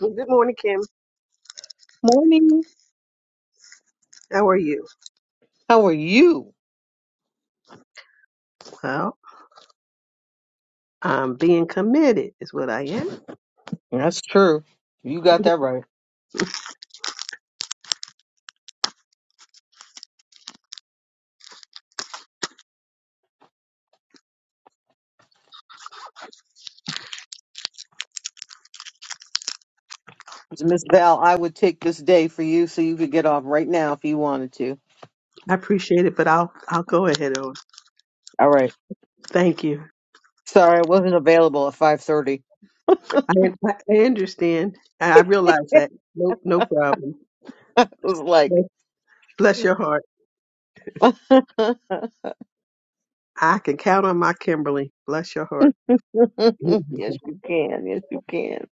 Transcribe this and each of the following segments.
Well, Good morning, Kim. Morning. How are you? How are you? Well, I'm being committed is what I am. That's true. You got that right. So, Miss Val, I would take this day for you so you could get off right now if you wanted to. I appreciate it, but I'll I'll go ahead on. All right. Thank you. Sorry, I wasn't available at 5.30. I I I understand. I I realize that. Nope, no problem. It was like, Bless bless your heart. yes, I can count on my Kimberly. Bless your heart. you can. Yes, you can.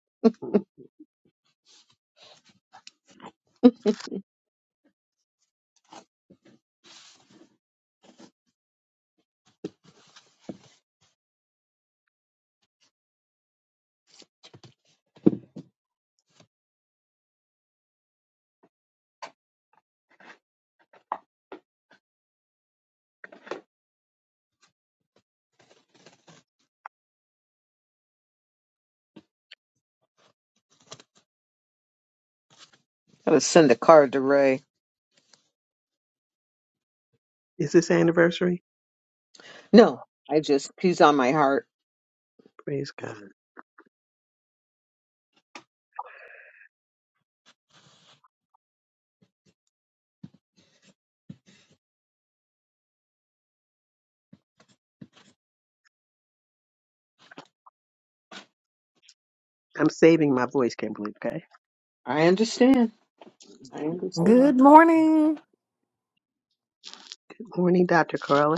I would send a card to Ray. Is this anniversary? No, I just, he's on my heart. Praise God. I'm saving my voice, Kimberly. Okay. I understand. I understand. Good morning. Good morning, Dr. Carla.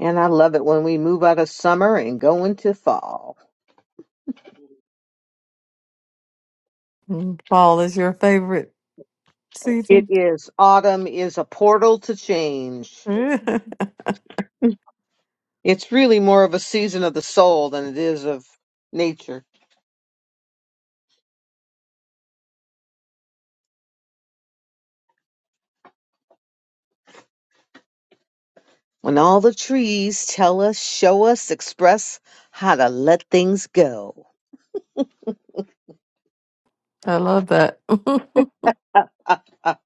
And I love it when we move out of summer and go into fall. Mm, Fall is your favorite It season. is, autumn is a portal to change. I It's really more of a season of the soul than it is of nature. When all the trees tell us, show us, express how to let things go. love that. Good Ah, ah.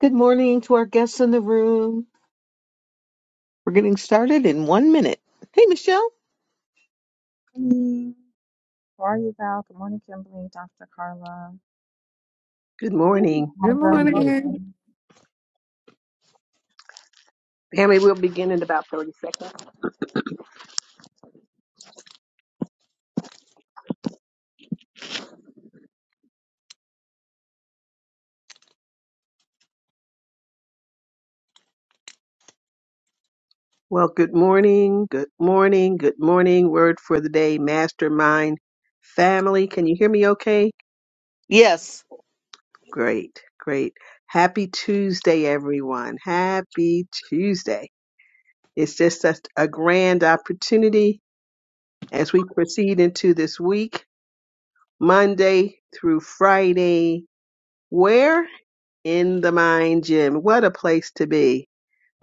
Good morning to our guests in the room. We're getting started in one minute. Hey, Michelle. morning. How are you, Val? Good morning, Kimberly, Dr. Carla. Good Hey, morning. Melda, Good morning. morning. welcome. Family, we'll begin in about 30 seconds. Well, good morning, good morning, good morning. Word for the day, mastermind, family. Can you hear me okay? Yes. Great, great. Happy Tuesday, everyone. Happy Tuesday. It's just such a grand opportunity as we proceed into this week, Monday through Friday. Where? In the Mind Gym. What a place to be.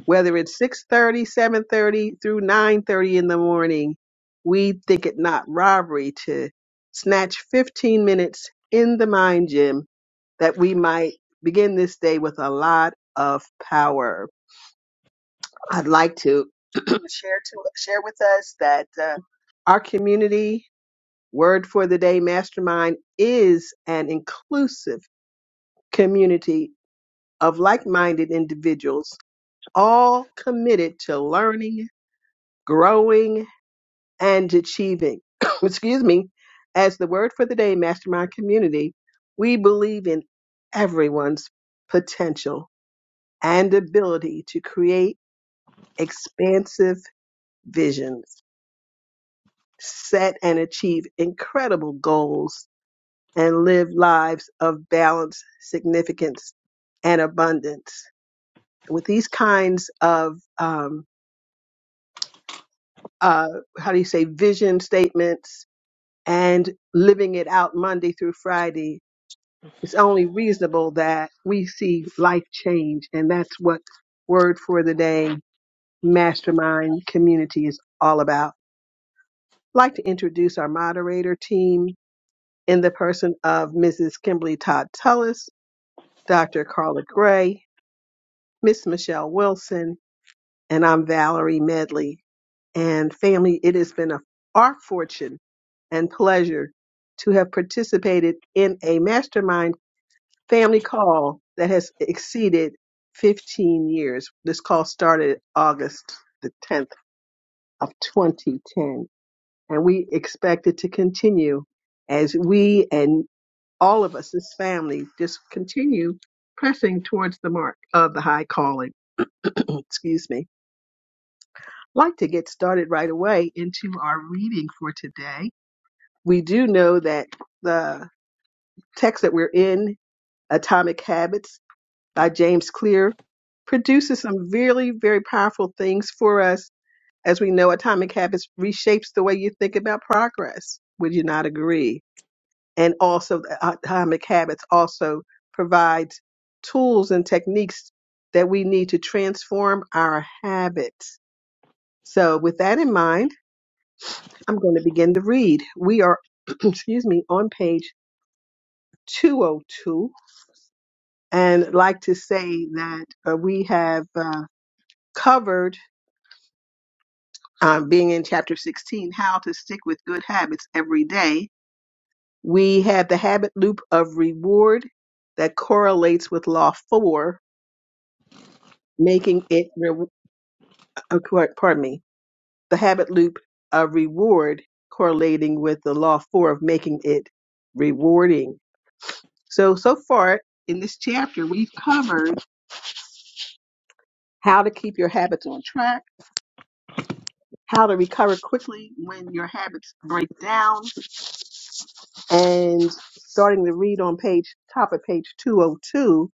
whether it's six thirty, seven thirty, through 9.30 in the morning we think it not robbery to snatch 15 minutes in the mind gym that we might begin this day with a lot of power i'd like to share to share with us that uh, our community word for the day mastermind is an inclusive community of like-minded individuals all committed to learning growing and achieving. Excuse me. As the word for the day, Mastermind Community, we believe in everyone's potential and ability to create expansive visions, set and achieve incredible goals, and live lives of balance, significance, and abundance. With these kinds of, um, uh, how do you say, vision statements, and living it out Monday through Friday, it's only reasonable that we see life change. And that's what Word for the Day Mastermind Community is all about. I'd like to introduce our moderator team in the person of Mrs. Kimberly Todd Tullis, Dr. Carla Gray, Miss Michelle Wilson, and I'm Valerie Medley. And family, it has been a, our fortune and pleasure to have participated in a mastermind family call that has exceeded 15 years. This call started August the 10th of 2010, and we expect it to continue as we and all of us, this family, just continue pressing towards the mark of the high calling. Excuse me. I'd like to get started right away into our reading for today. We do know that the text that we're in, Atomic Habits, by James Clear produces some really very powerful things for us. As we know, Atomic Habits reshapes the way you think about progress. Would you not agree? And also, Atomic Habits also provides tools and techniques that we need to transform our habits. So, with that in mind, I'm going to begin to read. We are, excuse me, on page 202, and like to say that uh, we have uh, covered uh, being in chapter 16, how to stick with good habits every day, we have the habit loop of reward that correlates with law four, making it, re- uh, cor- pardon me, the habit loop of reward correlating with the law four of making it rewarding. So, so far in this chapter, we've covered how to keep your habits on track, how to recover quickly when your habits break down, and starting to read on page top of page 202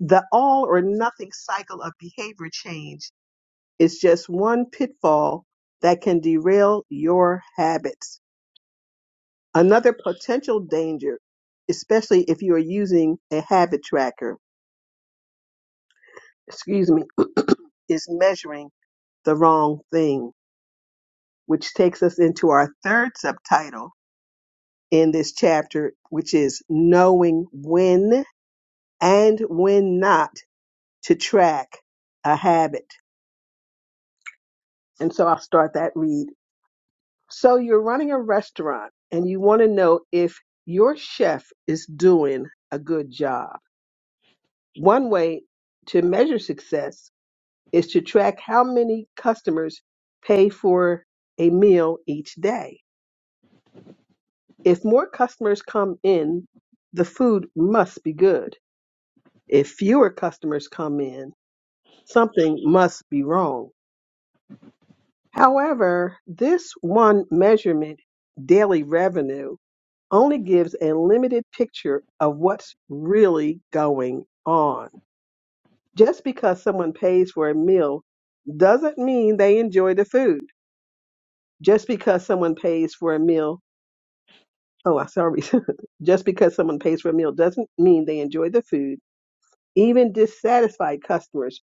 the all or nothing cycle of behavior change is just one pitfall that can derail your habits another potential danger especially if you are using a habit tracker excuse me is measuring the wrong thing which takes us into our third subtitle in this chapter which is knowing when and when not to track a habit. And so I'll start that read. So you're running a restaurant and you want to know if your chef is doing a good job. One way to measure success is to track how many customers pay for a meal each day. If more customers come in, the food must be good. If fewer customers come in, something must be wrong. However, this one measurement, daily revenue, only gives a limited picture of what's really going on. Just because someone pays for a meal doesn't mean they enjoy the food. Just because someone pays for a meal, oh, I'm sorry. Just because someone pays for a meal doesn't mean they enjoy the food. Even dissatisfied customers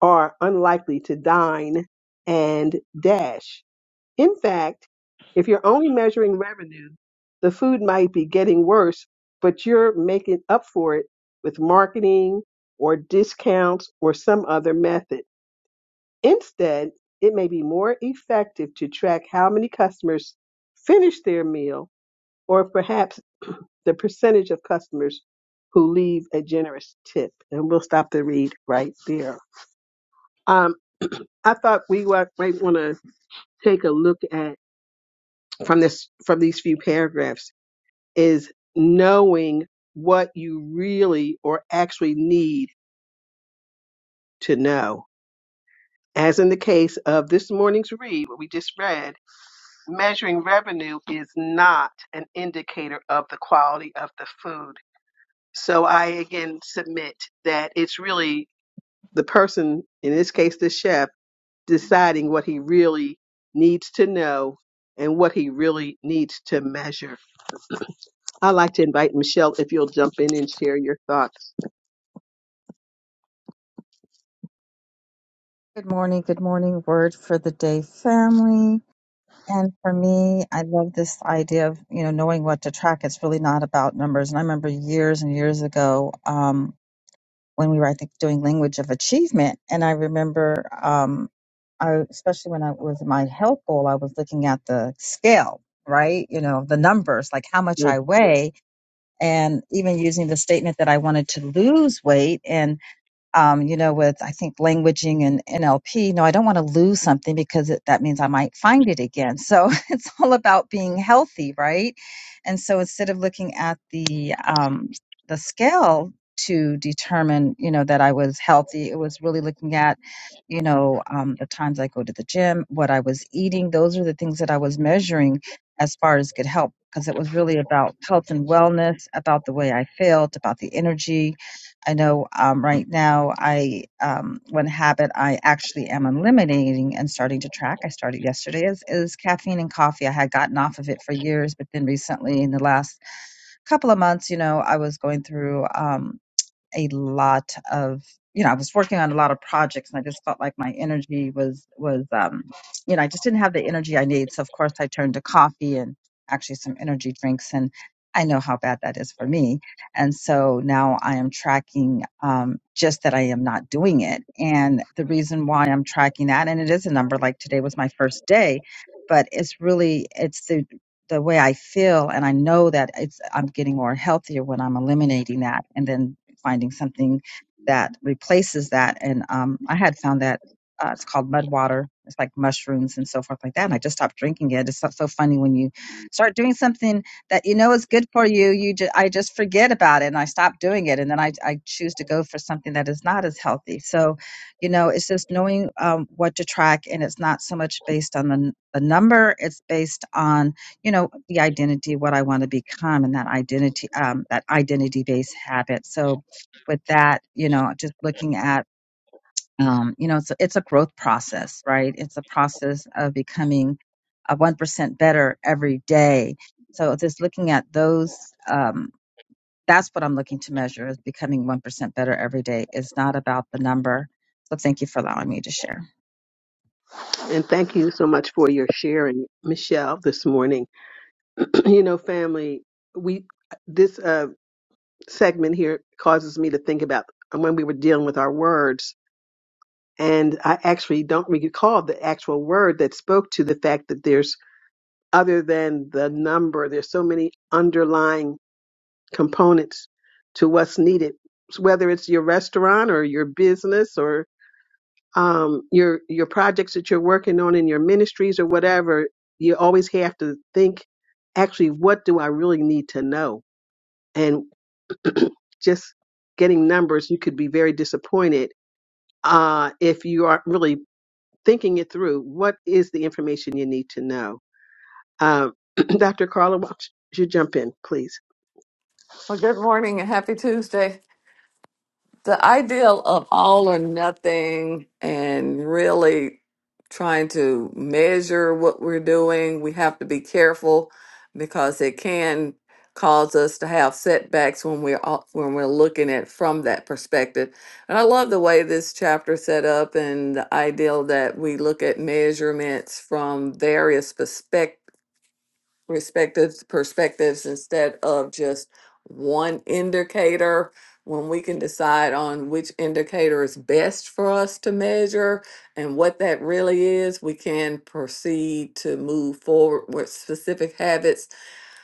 are unlikely to dine and dash. In fact, if you're only measuring revenue, the food might be getting worse, but you're making up for it with marketing or discounts or some other method. Instead, it may be more effective to track how many customers finish their meal or perhaps the percentage of customers who leave a generous tip. And we'll stop the read right there. Um, I thought we wa- might want to take a look at from this from these few paragraphs is knowing what you really or actually need to know. As in the case of this morning's read, what we just read, measuring revenue is not an indicator of the quality of the food. So I again submit that it's really the person, in this case the chef, deciding what he really needs to know and what he really needs to measure. I'd like to invite Michelle if you'll jump in and share your thoughts. Good morning, good morning, word for the day family. And for me, I love this idea of, you know, knowing what to track. It's really not about numbers. And I remember years and years ago, um, when we were, I think, doing language of achievement. And I remember, um, I, especially when I was in my health goal, I was looking at the scale, right? You know, the numbers, like how much Yes. I weigh and even using the statement that I wanted to lose weight. And um, you know, with I think languaging and NLP. No, I don't want to lose something because it, that means I might find it again. So it's all about being healthy, right? And so instead of looking at the um, the scale to determine, you know, that I was healthy, it was really looking at, you know, um, the times I go to the gym, what I was eating. Those are the things that I was measuring as far as good health because it was really about health and wellness, about the way I felt, about the energy, I know um, right now I um, one habit I actually am eliminating and starting to track. I started yesterday is is caffeine and coffee. I had gotten off of it for years, but then recently in the last couple of months, you know, I was going through. Um, a lot of you know i was working on a lot of projects and i just felt like my energy was was um you know i just didn't have the energy i need so of course i turned to coffee and actually some energy drinks and i know how bad that is for me and so now i am tracking um just that i am not doing it and the reason why i'm tracking that and it is a number like today was my first day but it's really it's the the way I feel, and I know that it's I'm getting more healthier when I'm eliminating that, and then finding something that replaces that. And um, I had found that uh, it's called mud water. It's like mushrooms and so forth like that. And I just stopped drinking it. It's so so funny when you start doing something that you know is good for you. You, ju- I just forget about it and I stop doing it, and then I, I choose to go for something that is not as healthy. So, you know, it's just knowing um, what to track, and it's not so much based on the n- the number. It's based on you know the identity, what I want to become, and that identity, um, that identity based habit. So, with that, you know, just looking at, um, you know, it's it's a growth process, right? It's a process of becoming a one percent better every day. So just looking at those, um, that's what I'm looking to measure is becoming one percent better every day. It's not about the number. So thank you for allowing me to share. And thank you so much for your sharing, Michelle, this morning. you know, family, we this uh segment here causes me to think about when we were dealing with our words. And I actually don't recall the actual word that spoke to the fact that there's, other than the number, there's so many underlying components to what's needed. So whether it's your restaurant or your business or um, your your projects that you're working on in your ministries or whatever, you always have to think, actually, what do I really need to know? And just getting numbers, you could be very disappointed uh, if you are really thinking it through, what is the information you need to know? Um, Dr. Carla, why don't you jump in, please? Well, good morning and happy Tuesday. the ideal of all or nothing and really trying to measure what we're doing, we have to be careful because it can cause us to have setbacks when we're all- when we're looking at from that perspective. And I love the way this chapter set up and the ideal that we look at measurements from various perspectives respective perspectives instead of just one indicator when we can decide on which indicator is best for us to measure and what that really is we can proceed to move forward with specific habits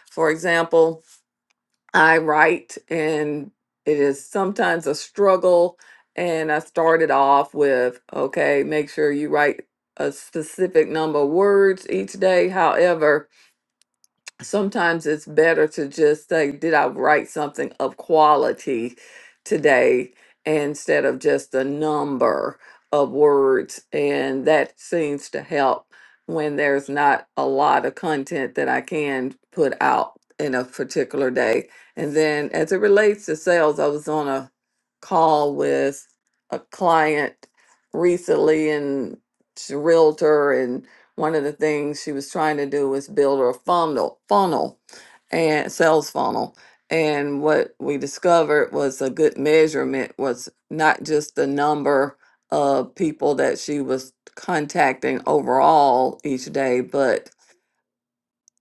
for example i write and it is sometimes a struggle and i started off with okay make sure you write a specific number of words each day however sometimes it's better to just say, did I write something of quality today instead of just a number of words? And that seems to help when there's not a lot of content that I can put out in a particular day. And then as it relates to sales, I was on a call with a client recently and she's a realtor one of the things she was trying to do was build her funnel funnel and sales funnel. And what we discovered was a good measurement was not just the number of people that she was contacting overall each day, but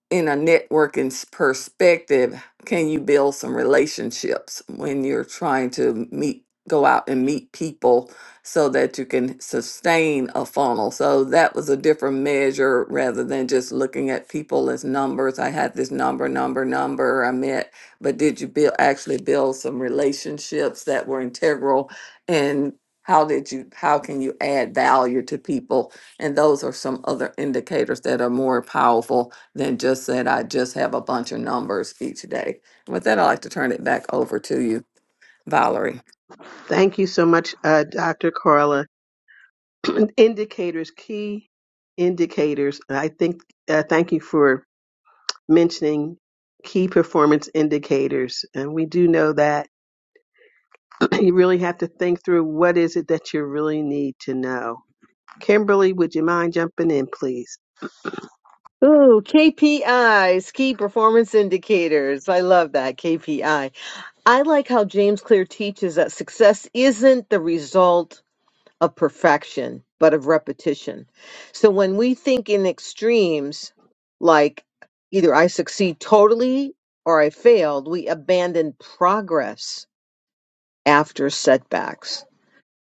in a networking s- perspective, can you build some relationships when you're trying to meet, go out and meet people so that you can sustain a funnel? So that was a different measure rather than just looking at people as numbers. I had this number, number, number I met, but did you build, actually build some relationships that were integral and how did you, how can you add value to people? And those are some other indicators that are more powerful than just that I just have a bunch of numbers each day. With that, I'd like to turn it back over to you, Valerie. Thank you so much, uh, Dr. Carla. Indicators, key indicators. I think, uh, thank you for mentioning key performance indicators. And we do know that you really have to think through what is it that you really need to know. Kimberly, would you mind jumping in, please? Ooh, KPIs, key performance indicators. I love that KPI. I I like how James Clear teaches that success isn't the result. of perfection, but of repetition. So when we think in extremes, like either I succeed totally or I failed, we abandon progress after setbacks.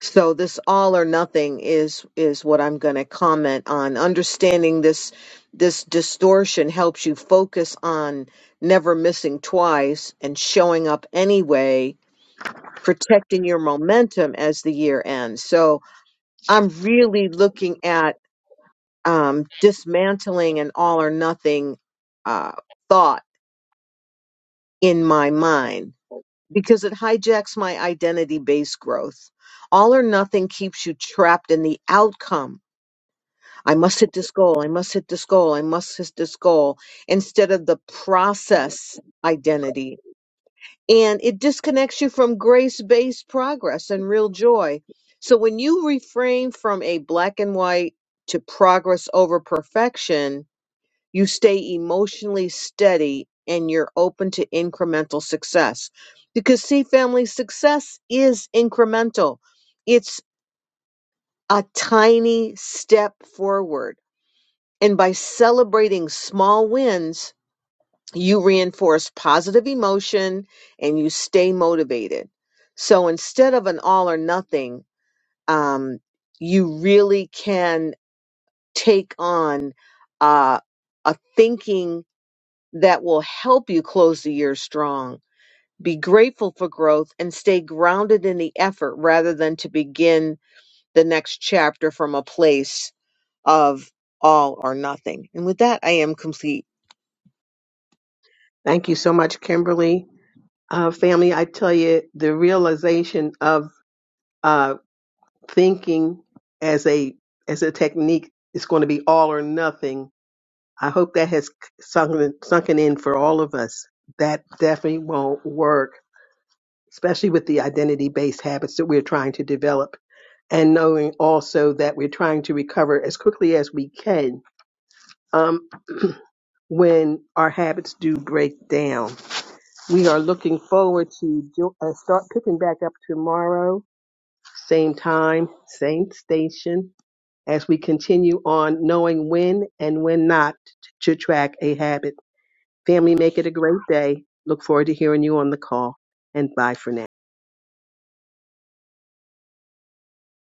So this all or nothing is is what I'm going to comment on. Understanding this this distortion helps you focus on never missing twice and showing up anyway, protecting your momentum as the year ends. So I'm really looking at um, dismantling an all or nothing uh, thought in my mind because it hijacks my identity based growth. All or nothing keeps you trapped in the outcome. I must hit this goal. I must hit this goal. I must hit this goal instead of the process identity and it disconnects you from grace based progress and real joy. So when you refrain from a black and white to progress over perfection, you stay emotionally steady and you're open to incremental success. Because, see, family success is incremental, it's a tiny step forward. And by celebrating small wins, you reinforce positive emotion and you stay motivated. So instead of an all or nothing, um, you really can take on uh, a thinking that will help you close the year strong. Be grateful for growth and stay grounded in the effort rather than to begin the next chapter from a place of all or nothing. And with that, I am complete. Thank you so much, Kimberly. Uh, family, I tell you, the realization of uh, thinking as a as a technique is going to be all or nothing I hope that has sunken, sunken in for all of us. That definitely won't work, especially with the identity based habits that we're trying to develop and knowing also that we're trying to recover as quickly as we can. Um, when our habits do break down, we are looking forward to jo- uh, start picking back up tomorrow, same time, same station, as we continue on knowing when and when not to track a habit. Family, make it a great day. Look forward to hearing you on the call. And bye for now.